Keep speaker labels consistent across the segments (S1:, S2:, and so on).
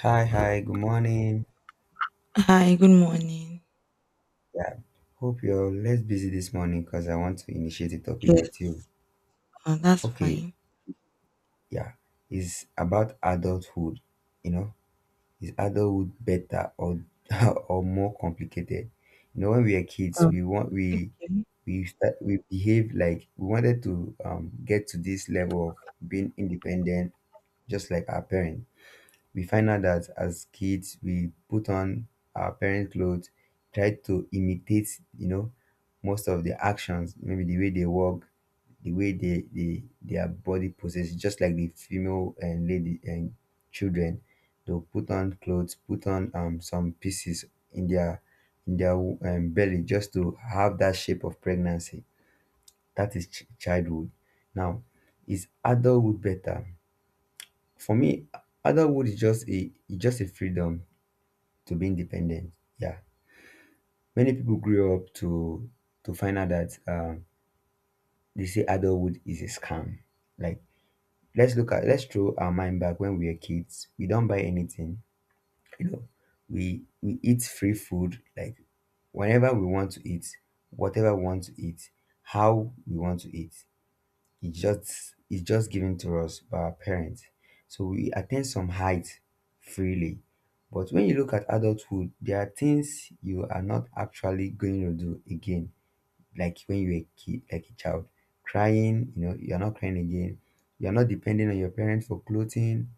S1: Hi, hi, good morning.
S2: Hi, good morning.
S1: Yeah, hope you're less busy this morning because I want to initiate a topic
S2: Yes.
S1: with you.
S2: That's
S1: Okay,
S2: fine.
S1: yeah, it's about adulthood. You know, is adulthood better or or more complicated? You know, when we are kids,
S2: Okay.
S1: we start, we behave like we wanted to get to this level of being independent, just like our parents. We find out that as kids we put on our parents clothes, try to imitate, you know, most of the actions, maybe the way they walk, the way they, their body poses, just like the female and lady. And children, they'll put on clothes, put on some pieces in their belly just to have that shape of pregnancy. That is childhood. Now, is adulthood better? For me, adulthood is just a it's just a freedom to be independent. Yeah, many people grew up to find out that they say adulthood is a scam. Like, let's look at, let's throw our mind back when we were kids. We don't buy anything. You know, we eat free food, like whenever we want to eat, whatever we want to eat, how we want to eat. It's just given to us by our parents. So we attain some height freely. But when you look at adulthood, there are things you are not actually going to do again, like when you were a kid, like a child. Crying, you know, you're not crying again. You're not depending on your parents for clothing,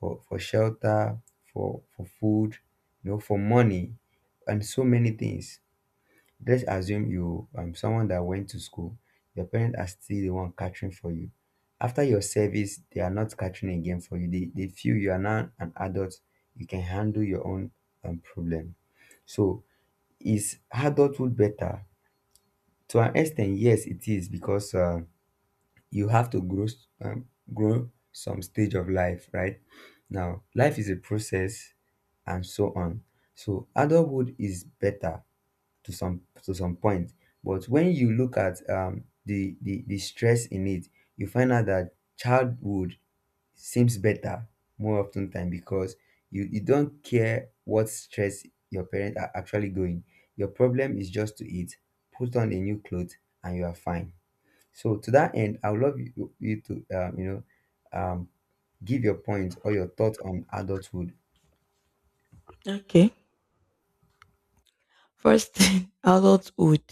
S1: for shelter, for food, you know, for money, and so many things. Let's assume you, someone that went to school, your parents are still the one catering for you. After your service, they are not catering again for you. They feel you are now an adult, you can handle your own problem. So, is adulthood better? To an extent, yes, it is, because you have to grow grow some stage of life, right? Now, life is a process and so on. So adulthood is better to some point. But when you look at the, the stress in it, you find out that childhood seems better more often time, because you don't care what stress your parents are actually going. Your problem is just to eat, put on a new clothes, and you are fine. So to that end, I would love you to you know, um, give your points or your thoughts on adulthood.
S2: Okay. First thing, adulthood.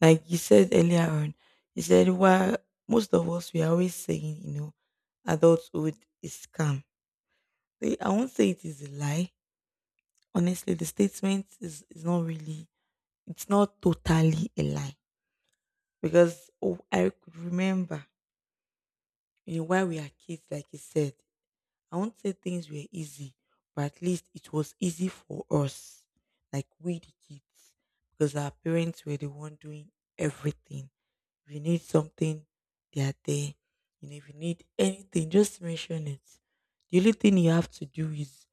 S2: Like you said earlier on, you said why most of us we are always saying, you know, adulthood is scam. I won't say it is a lie. Honestly, the statement is not really it's not totally a lie. Because oh, I could remember you know, while we are kids, like you said, I won't say things were easy, but at least it was easy for us, like we the kids, because our parents were the one doing everything. If you need something, they are there. You know, if you need anything, just mention it. The only thing you have to do is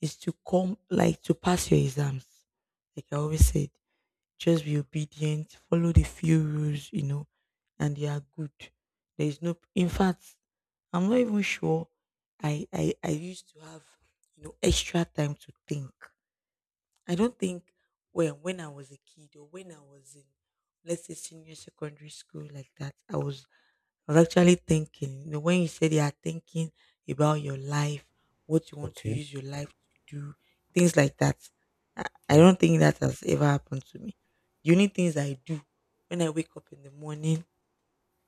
S2: is to come, like to pass your exams. Like I always said, just be obedient, follow the few rules, you know, and they are good. There is no in fact, I'm not even sure I used to have, you know, extra time to think. I don't think when I was a kid or when I was in let's say senior secondary school like that, I was actually thinking, you know, when you said you are thinking about your life, what you want to
S1: Okay.
S2: use your life to do, things like that. I
S1: Yeah.
S2: don't think that has ever happened to me. The only things I do when I wake up in the morning,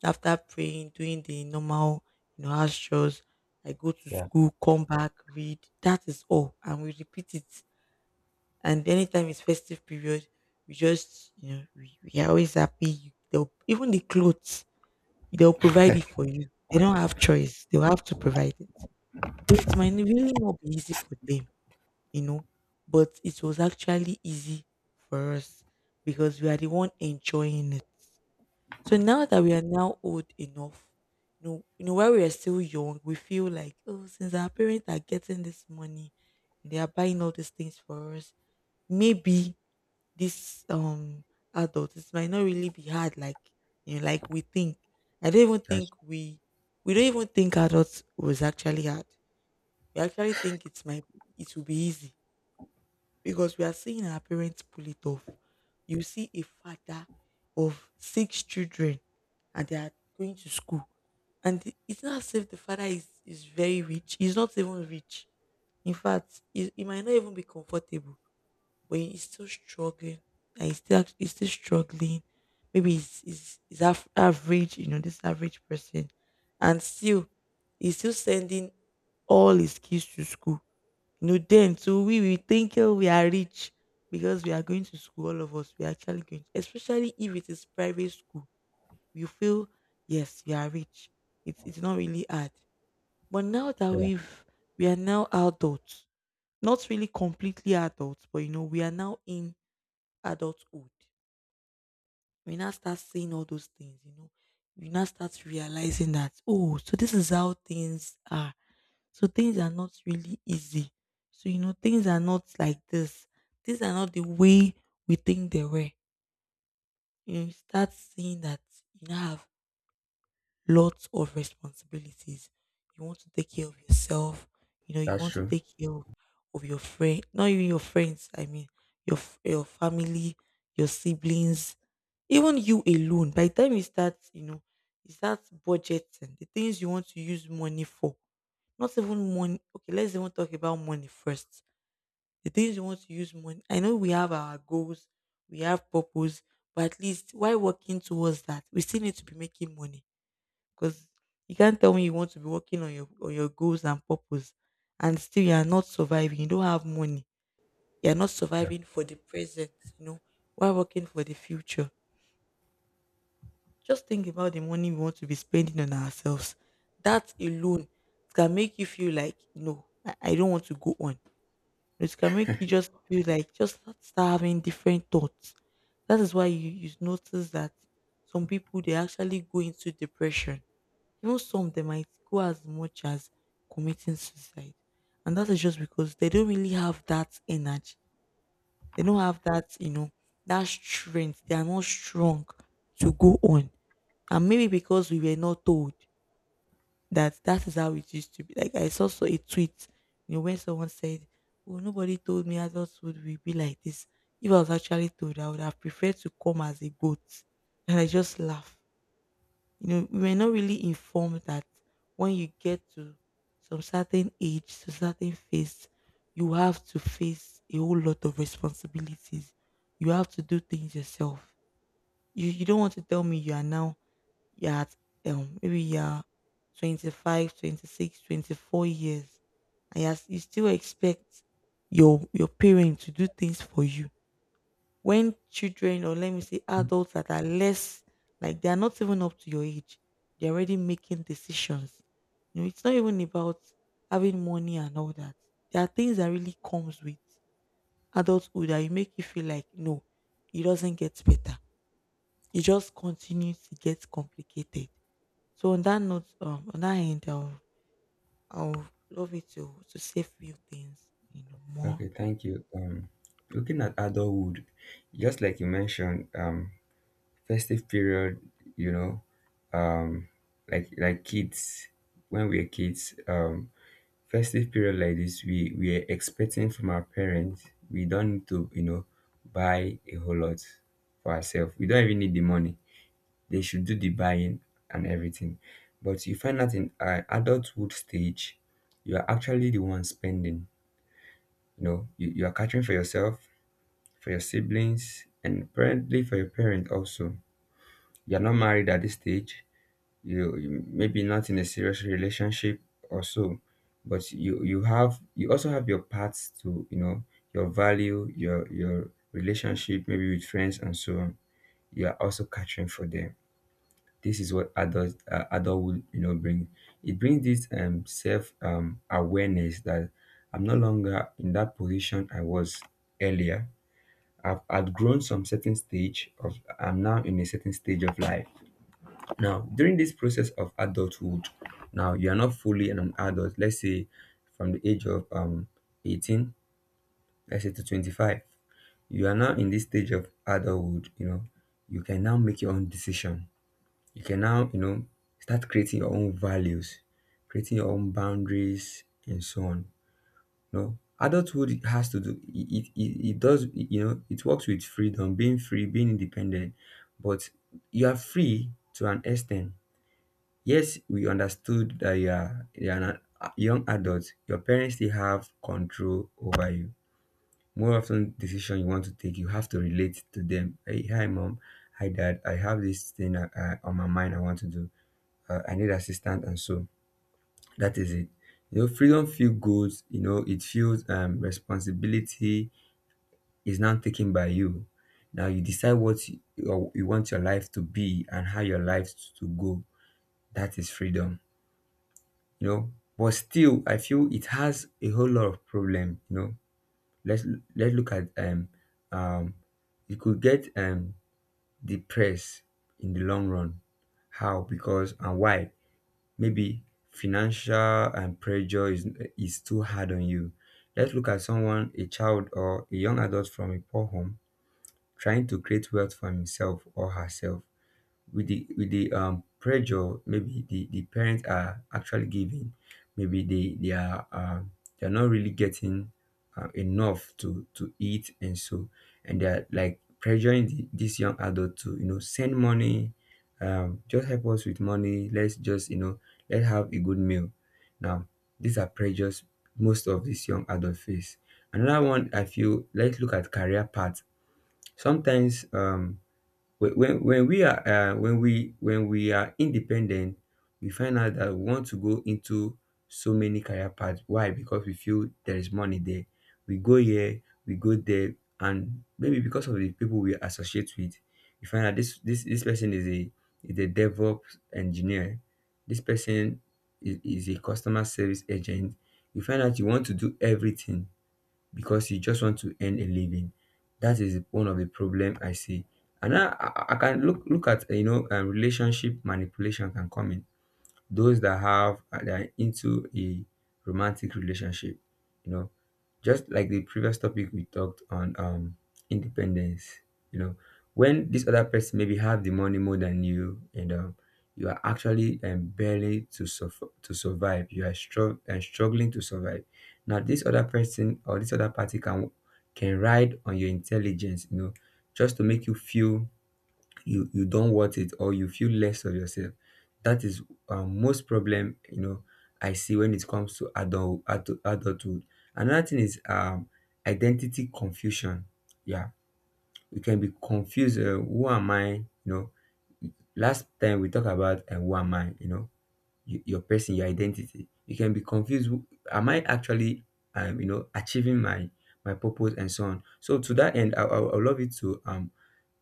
S2: after praying, doing the normal, you know, house chores, I go to
S1: Yeah.
S2: school, come back, read. That is all. And we repeat it. And anytime it's festive period, we just, you know, we are always happy. They'll- Even the clothes they'll provide it for you. They don't have choice. They'll have to provide it. Though it might really not be easy for them, you know, but it was actually easy for us because we are the one enjoying it. So now that we are now old enough, while we are still young, we feel like, oh, since our parents are getting this money, they are buying all these things for us, maybe this adult it might not really be hard like you know like we think I don't even
S1: That's
S2: think we don't even think adults was actually hard we actually think it will be easy because we are seeing our parents pull it off. You see a father of 6 children and they are going to school, and it's not as if the father is very rich. He's not even rich. In fact, he might not even be comfortable but he's still struggling. Like he's still struggling. Maybe average, you know, this average person, and still he's still sending all his kids to school. You know, then so we will think oh, we are rich because we are going to school. All of us we are actually going, especially if it is private school. You feel yes, you are rich. It's not really hard. But now that
S1: yeah.
S2: we are now adults, not really completely adults, but you know, we are now in adulthood, we now start seeing all those things, you know. You now start realizing that, oh, so this is how things are. So things are not really easy. So, you know, things are not like this. Things are not the way we think they were. You, know, you start seeing that you now have lots of responsibilities. You want to take care of yourself. You know, you
S1: That's
S2: want to
S1: true.
S2: take care of your friend, not even your friends. I mean, your family, your siblings, even you alone. By the time you start budgeting the things you want to use money for. Not even money. Okay, let's even talk about money first. The things you want to use money. I know we have our goals, we have purpose, but at least while working towards that, we still need to be making money because you can't tell me you want to be working on your goals and purpose, and still you are not surviving. You don't have money. You are not
S1: Yeah.
S2: surviving for the present. You know, while working for the future. Just think about the money we want to be spending on ourselves. That alone can make you feel like no, I don't want to go on. It can make you just feel like just start having different thoughts. That is why you notice that some people they actually go into depression. Even some they might go as much as committing suicide. And that is just because they don't really have that energy. They don't have that, you know, that strength. They are not strong to go on. And maybe because we were not told that that is how it used to be. Like I saw so a tweet, you know, when someone said, oh, nobody told me adulthood will be like this. If I was actually told, I would have preferred to come as a goat. And I just laugh. You know we were not really informed that when you get to some certain age to certain phase you have to face a whole lot of responsibilities. You have to do things yourself. You don't want to tell me you are now you're at maybe you're six, 24 years and you still expect your parent to do things for you when children, or let me say adults that are less, like they are not even up to your age, they're already making decisions. You know it's not even about having money and all that. There are things that really comes with adulthood that you make you feel like no, it doesn't get better, it just continues to get complicated. So on that note, on that end, I'll love you to say few things you know more.
S1: Okay, thank you. Looking at adulthood, just like you mentioned, festive period, you know, um, like kids, when we are kids, festive period like this, we are expecting from our parents. We don't need to, you know, buy a whole lot for ourselves. We don't even need the money. They should do the buying and everything. But you find out in adulthood stage, you are actually the one spending. You know, you are catering for yourself, for your siblings, and apparently for your parents also. You're not married at this stage. You maybe not in a serious relationship or so, but you also have your parts to, you know, your value, your relationship, maybe with friends and so on. You are also catering for them. This is what adulthood, you know, bring. It brings this self awareness that I'm no longer in that position I was earlier. I've outgrown some certain stage of, I'm now in a certain stage of life. Now, during this process of adulthood, now you are not fully an adult. Let's say from the age of 18, let's say to 25. You are now in this stage of adulthood. You know, you can now make your own decision. You can now, you know, start creating your own values, creating your own boundaries and so on. No, adulthood has to do it does, you know, it works with freedom, being free, being independent. But you are free to an extent. Yes, we understood that you are an, a young adult, your parents still have control over you. More often, decision you want to take, you have to relate to them. Hey, hi mom, hi dad, I have this thing on my mind I want to do, I need assistance and so. That is it. You know, freedom feel good, you know, it feels responsibility is now taken by you. Now you decide what you want your life to be and how your life to go. That is freedom, you know. But still, I feel it has a whole lot of problem, you know. Let's let's look at um you could get depressed in the long run. How? Because and why? Maybe financial and pressure is too hard on you. Let's look at someone, a child or a young adult from a poor home, trying to create wealth for himself or herself with the pressure, maybe the parents are actually giving, maybe they are they're not really getting enough to eat and so. And they're like pressuring this young adult to, you know, send money, just help us with money, let's just, you know, let's have a good meal. Now, these are pressures most of these young adult face. Another one I feel, let's look at career path. Sometimes when when we are when we are independent, we find out that we want to go into so many career paths. Why? Because we feel there is money there. We go here, we go there, and maybe because of the people we associate with, we find out this person is a DevOps engineer. This person is a customer service agent. You find out you want to do everything because you just want to earn a living. That is one of the problem I see. And I can look at, you know, relationship manipulation can come in, those that have that are into a romantic relationship. You know, just like the previous topic we talked on, independence. You know, when this other person maybe have the money more than you, and you are actually barely to suffer to survive, you are strugg- and struggling to survive. Now this other person or this other party can ride on your intelligence, you know, just to make you feel you don't want it, or you feel less of yourself. That is most problem, you know, I see when it comes to adulthood. Another thing is identity confusion. Yeah, we can be confused. Who am I? You know, last time we talk about who am I, you know, you, your person, your identity. You can be confused. Am I actually, you know, achieving my purpose and so on. So to that end, I would love you to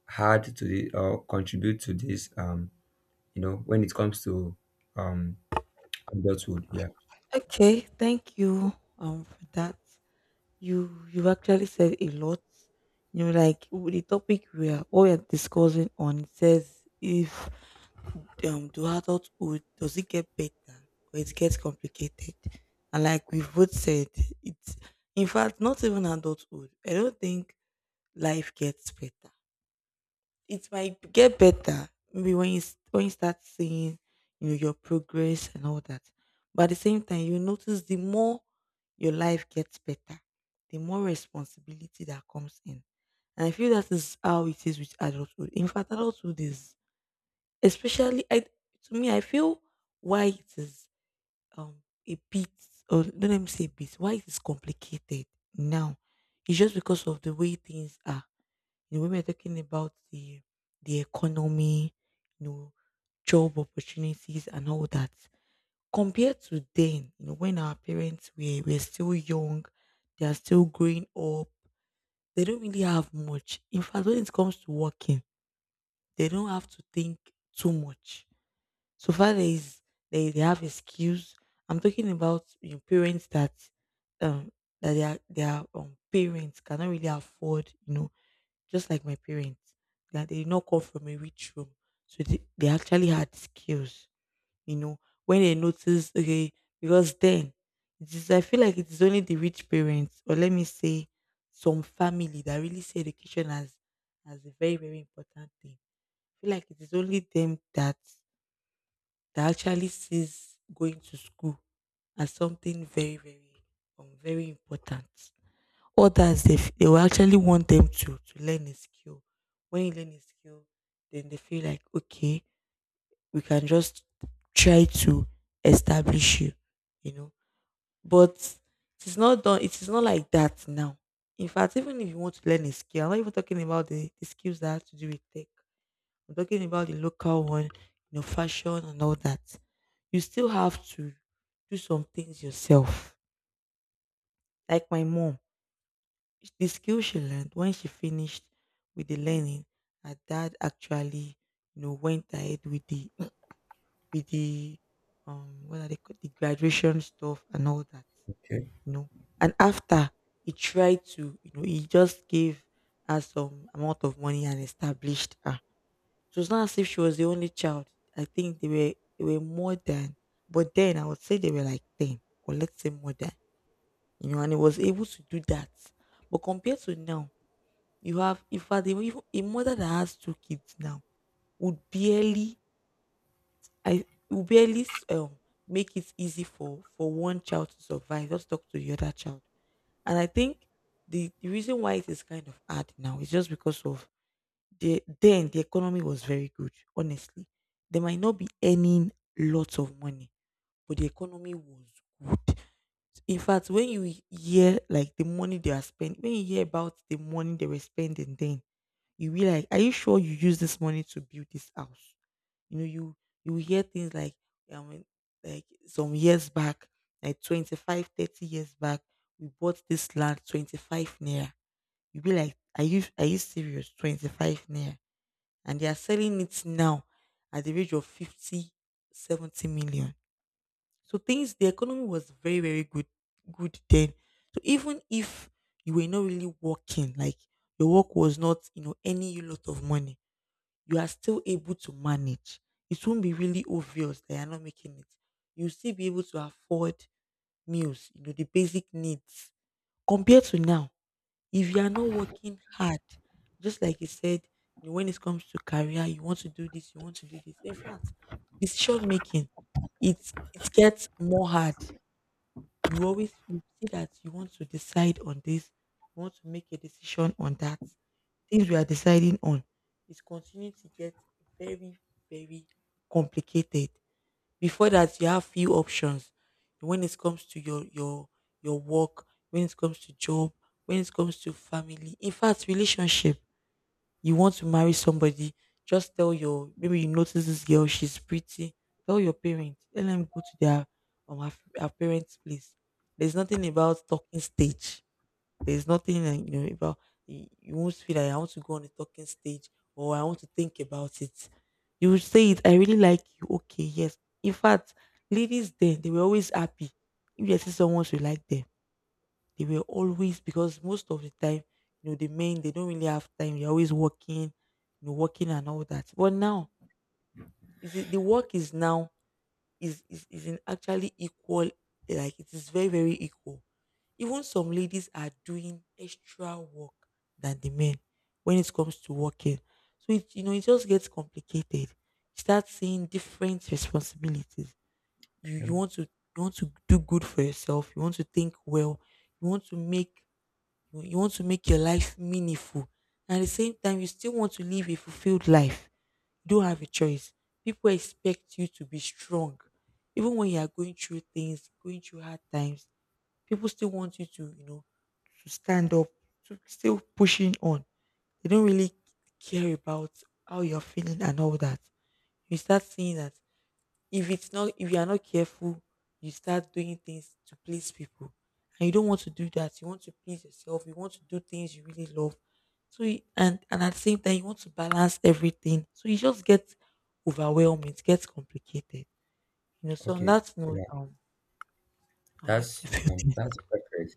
S1: hard to the or contribute to this you know, when it comes to um adulthood, yeah.
S2: Okay, thank you for that. You've actually said a lot. You know, like the topic we are what we are discussing on says if to adulthood does it get better or it gets complicated? And like we've both said, it's in fact not even adulthood. I don't think life gets better. It might get better maybe when you start seeing you know your progress and all that, but at the same time you notice the more your life gets better the more responsibility that comes in. And I feel that is how it is with adulthood. In fact adulthood is, especially I to me I feel why it is um a bit, or don't let me say a bit, why it is complicated now, it's just because of the way things are. You know, when we're talking about the economy, you know, job opportunities and all that. Compared to then, you know, when our parents were still young, they are still growing up, they don't really have much. In fact, when it comes to working, they don't have to think too much. So far there is they have excuse. I'm talking about you know, parents that um that their parents cannot really afford, you know, just like my parents that they did not come from a rich room. So they actually had skills, you know, when they noticed okay. Because then it is, I feel like it is only the rich parents or let me say some family that really see education as a very very important thing. I feel like it is only them that that actually sees going to school as something very very very important. Others they will actually want them to learn a skill. When you learn a skill, then they feel like okay, we can just try to establish you, you know. But it is not done. It is not like that now. In fact, even if you want to learn a skill, I'm not even talking about the skills that have to do with tech. I'm talking about the local one, you know, fashion and all that. You still have to do some things yourself. Like my mom sh- the skill she learned when she finished with the learning, her dad actually, you know, went ahead with the with the what are they called the graduation stuff and all that,
S1: Okay,
S2: you know. And after he tried to, you know, he just gave her some amount of money and established her. It was not as if she was the only child. I think they were more than, but then I would say they were like 10 or let's say more than you know, and he was able to do that. But compared to now, you have, in fact, even a mother that has two kids now would barely, I would barely, make it easy for one child to survive. Just talk to the other child. And I think the reason why it is kind of hard now is just because of . Then the economy was very good, honestly. They might not be earning lots of money, but the economy was good. In fact, when you hear like the money they are spending, when you hear about the money they were spending then, you'll be like, "Are you sure you use this money to build this house?" You know, you will hear things like, I mean, like some years back, like 25, 30 years back, we bought this land 25 naira. You'll be like, "Are you serious? 25 naira?" And they are selling it now at the rate of 50, 70 million. So things, the economy was very, very good then. So even if you were not really working, like your work was not, you know, earning you lot of money, you are still able to manage. It won't be really obvious that you're not making it. You'll still be able to afford meals, you know, the basic needs. Compared to now, if you are not working hard, just like you said, you know, when it comes to career, you want to do this, you want to do this. In fact, decision making, it it gets more hard. You always, you see that you want to decide on this, you want to make a decision on that. Things we are deciding on is continuing to get very, very complicated. Before that, you have few options. When it comes to your work, when it comes to job, when it comes to family, in fact, relationship, you want to marry somebody, just tell your, maybe you notice this girl, she's pretty. Tell your parents, let them go to their um her, her parents' place. There's nothing about talking stage. There's nothing like, you know, about you, you won't feel like I want to go on the talking stage or I want to think about it. You will say it, I really like you. Okay, yes. In fact, ladies then, they were always happy if they see someone who like them, they were always, because most of the time, you know, the men, they don't really have time. They're always working, you know, working and all that. But now, is it, the work is now is in actually equal. Like it is very, very equal. Even some ladies are doing extra work than the men when it comes to working. So it just gets complicated. You start seeing different responsibilities. You
S1: okay,
S2: you want to you want to do good for yourself. You want to think well. You want to make you you want to make your life meaningful. And at the same time, you still want to live a fulfilled life. You don't have a choice. People expect you to be strong. Even when you are going through things, going through hard times, people still want you to, you know, to stand up, to still pushing on. They don't really care about how you're feeling and all that. You start seeing that, if it's not, if you are not careful, you start doing things to please people, and you don't want to do that, you want to please yourself, you want to do things you really love. So you, and at the same time, you want to balance everything, so you just get overwhelmed, it gets complicated, you know. So on
S1: okay,
S2: that note,
S1: yeah.
S2: now
S1: That's
S2: let's say a few things.
S1: that's perfect.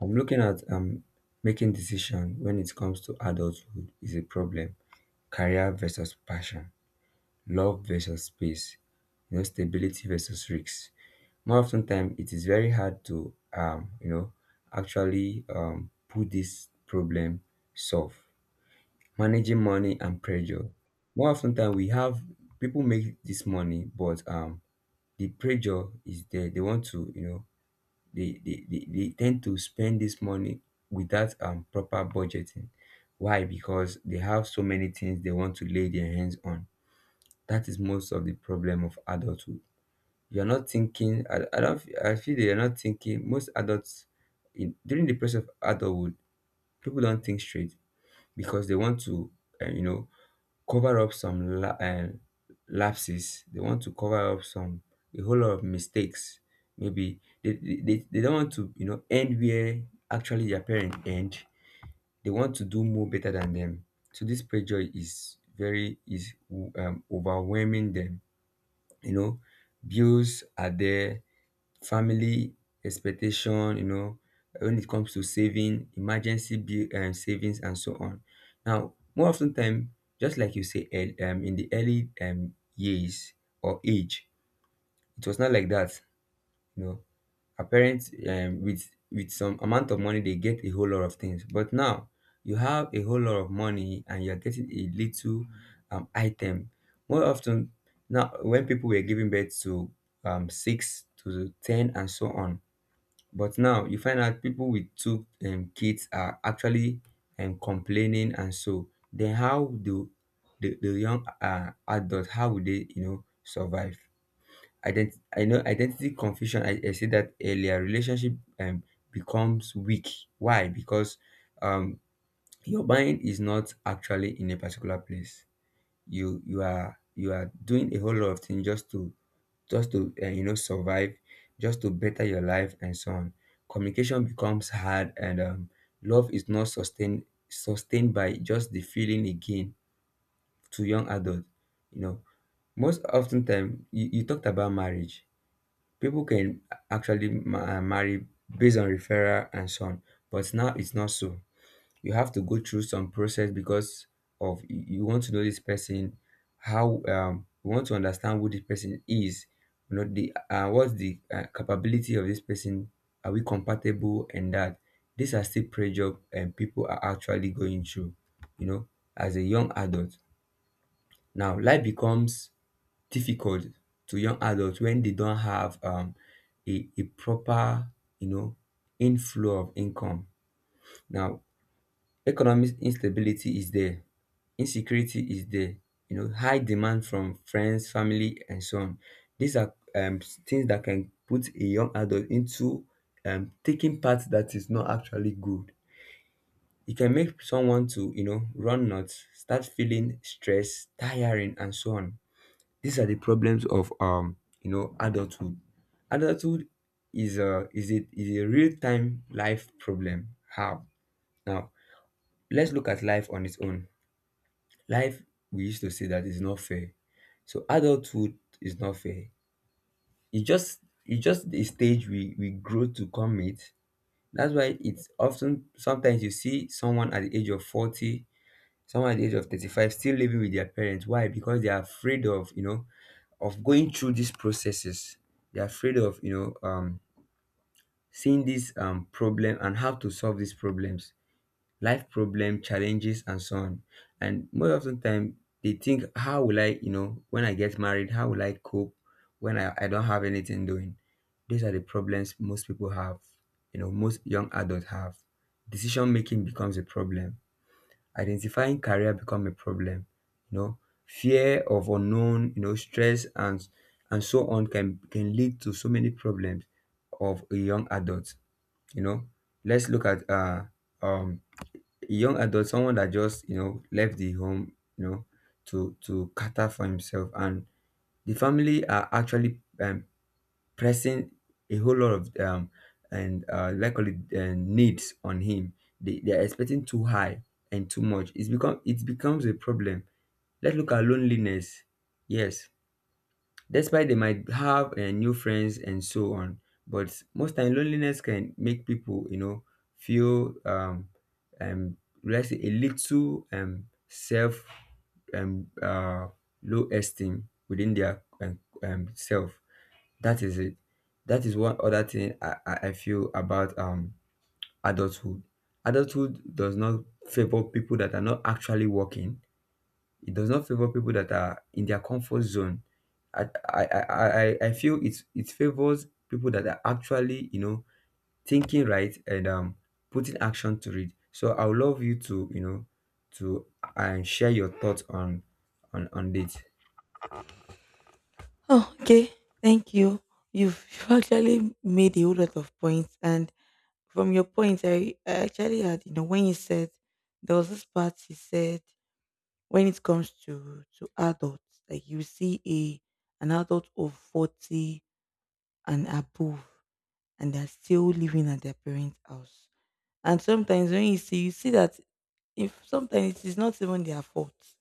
S1: I'm looking at making decision when it comes to adulthood is a problem. Career versus passion, love versus space, you know, stability versus risks. More often time, it is very hard to you know, actually put this problem solve. Managing money and pressure. More often than we have, people make this money, but the pressure is there. They want to, you know, they tend to spend this money without proper budgeting. Why? Because they have so many things they want to lay their hands on. That is most of the problem of adulthood. You're not thinking. I don't. I feel they are not thinking. Most adults, in, during the process of adulthood, people don't think straight because they want to, you know, cover up some lapses. They want to cover up some, a whole lot of mistakes. Maybe they don't want to, you know, end where actually their parents end. They want to do more better than them. So this pressure is very is overwhelming them. You know, bills are there, family expectation, you know, when it comes to saving, emergency bill, savings, and so on. Now, more often time, just like you say, in the early years or age, it was not like that. You know, our parents, with some amount of money, they get a whole lot of things. But now, you have a whole lot of money, and you're getting a little item. More often now, when people were giving birth to 6 to 10 and so on. But now you find out people with two kids are actually complaining. And so then, how do the young adult, how would they survive? I know, identity confusion. I said that earlier. Relationship um, becomes weak. Why? Because um, your mind is not actually in a particular place. You are doing a whole lot of things just to survive, just to better your life and so on. Communication becomes hard, and love is not sustained by just the feeling again to young adults. you know Most often time, you talked about marriage. People can actually marry based on referral and so on. But now it's not so. You have to go through some process, because of, you want to know this person, how you want to understand who this person is. You know the What's the capability of this person? Are we compatible? And that, these are still pressure, and people are actually going through, you know as a young adult. Now life becomes difficult to young adults when they don't have a proper you know inflow of income. Now, economic instability is there, insecurity is there, high demand from friends, family, and so on. These are things that can put a young adult into taking part that is not actually good. It can make someone to run nuts, start feeling stress, tiring, and so on. These are the problems of adulthood. Adulthood is a is it is a real time life problem. How? Now let's look at life on its own. Life, we used to say, that is not fair. So adulthood is not fair. It just it's just the stage we grow to come with. That's why it's often, sometimes you see someone at the age of 40, someone at the age of 35 still living with their parents. Why? Because they are afraid of, of going through these processes. They're afraid of, know, um seeing this problem and how to solve these problems, life problem challenges, and so on. And most of the time they think, how will I when I get married, how will I cope when I don't have anything doing. These are the problems most people have, most young adults have. Decision making becomes a problem. Identifying career become a problem. you know Fear of unknown, stress and so on can lead to so many problems of a young adult. you know let's look at um a young adult, someone that just left the home, to cater for himself. And the family are actually pressing a whole lot of and likely needs on him. They are expecting too high and too much. It becomes a problem. Let's look at loneliness. Yes, despite they might have new friends and so on, but most time loneliness can make people feel um let's say a little self, um uh low esteem within their self. That is it. That is one other thing I feel about adulthood. Adulthood does not favor people that are not actually working. It does not favor people that are in their comfort zone. I I feel it's it favors people that are actually thinking right and putting action to it. So I would love you to, to and share your thoughts on this.
S2: Oh, okay. Thank you. You've actually made a whole lot of points, and from your points, I actually had, you know, when you said, there was this part you said, when it comes to adults, like you see a an adult of 40 and above, and they're still living at their parents house. And sometimes when you see that, if sometimes it is not even their fault,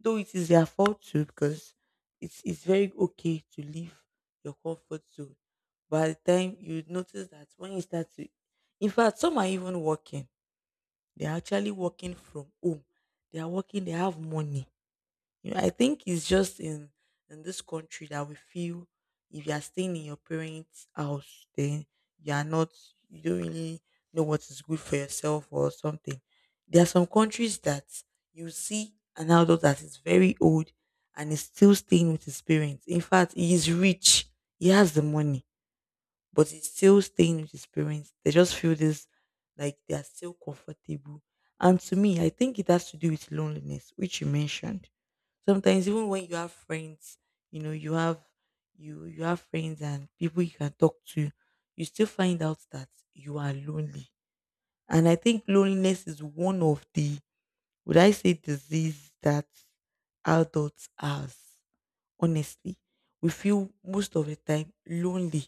S2: though it is their fault too, because it's very okay to leave your comfort zone by the time you notice that, when you start to, in fact, some are even working, they're actually working from home, they are working, they have money. You know, I think it's just in this country that we feel if you are staying in your parents' house, then you are not, you don't really know what is good for yourself or something. There are some countries that you see an adult that is very old and is still staying with his parents. In fact, he is rich. He has the money but it's still staying with his parents. They just feel this, like they are still comfortable. And to me, I think it has to do with loneliness, which you mentioned. Sometimes even when you have friends, you know, you have friends and people you can talk to, you still find out that you are lonely. And I think loneliness is one of the, would I say, disease that adults has. Honestly, we feel most of the time lonely,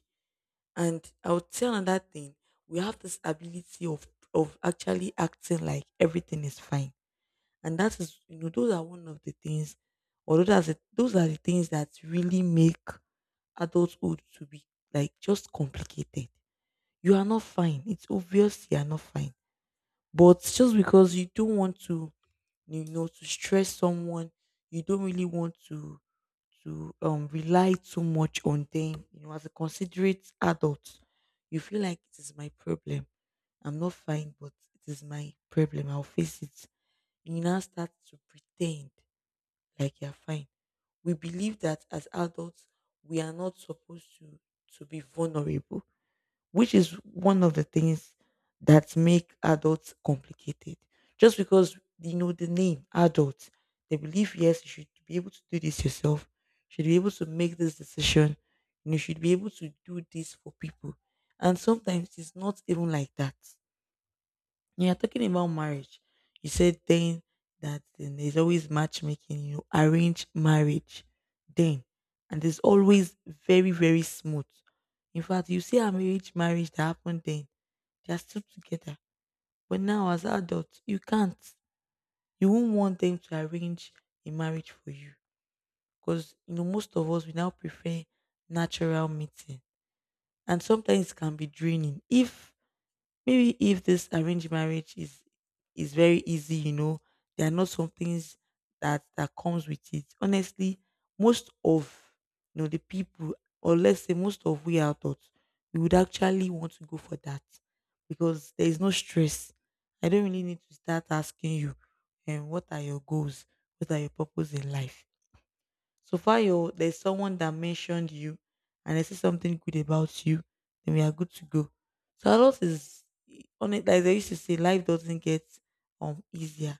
S2: and I would tell another thing, we have this ability of actually acting like everything is fine. And that is, you know, those are one of the things, or those are the things that really make adulthood to be like just complicated. You are not fine. It's obvious you are not fine. But just because you don't want to, you know, to stress someone. You don't really want to to rely too much on them. You know, as a considerate adult, you feel like it is my problem. I'm not fine, but it is my problem. I'll face it. You now start to pretend like you're fine. We believe that as adults, we are not supposed to be vulnerable, which is one of the things that make adults complicated. Just because you know the name adult, they believe yes, you should be able to do this yourself, you should be able to make this decision, and you should be able to do this for people. And sometimes it's not even like that. You are talking about marriage, you said then, that then, there's always matchmaking, you know, arrange marriage then. And it's always very, very smooth. In fact, you see arranged marriage that happened then, they are still together. But now as adults, you can't. You won't want them to arrange a marriage for you. Because you know, most of us, we now prefer natural meeting. And sometimes it can be draining if Maybe if this arranged marriage is very easy, you know, there are not some things that comes with it. Honestly, most of, the people, or let's say most of we out there, we would actually want to go for that because there is no stress. I don't really need to start asking you, and what are your goals? What are your purpose in life? So far, you there's someone that mentioned you and they say something good about you, then we are good to go. So a lot is on it. Like they used to say, life doesn't get easier.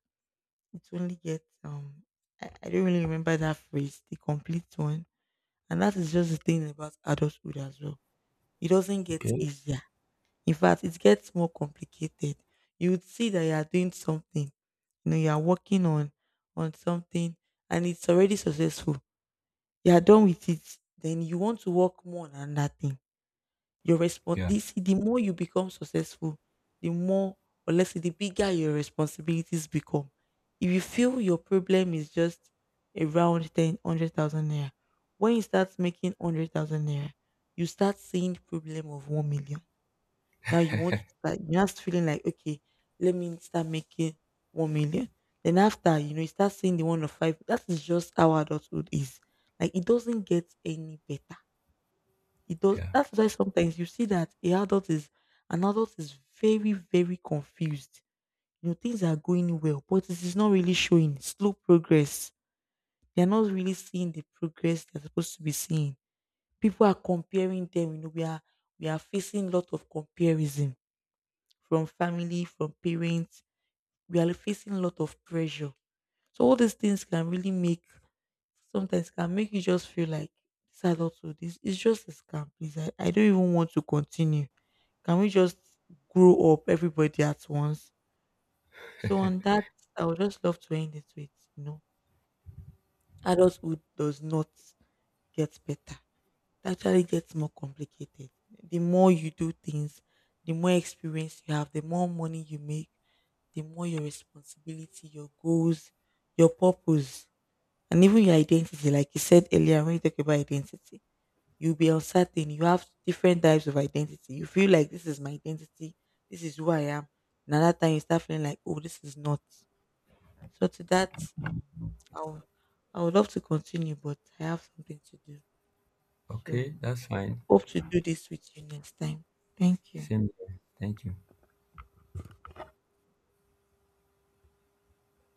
S2: It only gets, I don't really remember that phrase, the complete one. And that is just the thing about adulthood as well. It doesn't get
S1: Okay.
S2: easier. In fact, it gets more complicated. You would see that you are doing something, you know, you are working on something, and it's already successful, you are done with it, then you want to work more on another thing. Your response,
S1: Yeah.
S2: see, the more you become successful, the more, or let's say, the bigger your responsibilities become. If you feel your problem is just around 10, 100,000 naira, when you start making 100,000 naira, you start seeing problem of 1 million. Now you want to start, you're just feeling like, okay, let me start making 1 million. Then after, you know, you start seeing the one of five. That is just how adulthood is. Like it doesn't get any better. It does,
S1: Yeah.
S2: that's why sometimes you see that a adult is an adult is very, very confused. You know, things are going well, but it is not really showing slow progress. They are not really seeing the progress they're supposed to be seeing. People are comparing them, you know, we are facing a lot of comparison from family, from parents. We are facing a lot of pressure. So all these things can really make sometimes can make you just feel like this adulthood is it's just a scam, please. I don't even want to continue. Can we just grow up everybody at once? So on that, I would just love to end it with, you know, adulthood does not get better. It actually gets more complicated. The more you do things, the more experience you have, the more money you make, the more your responsibility, your goals, your purpose, and even your identity. Like you said earlier, when you talk about identity, you'll be uncertain. You have different types of identity. You feel like this is my identity, this is who I am. Another time you start feeling like, oh, this is not. So to that, I would, I would love to continue, but I have something to do.
S1: Okay.
S2: So
S1: That's fine.
S2: hope to do this with you next time. Thank you.
S1: Same. Here. Thank you.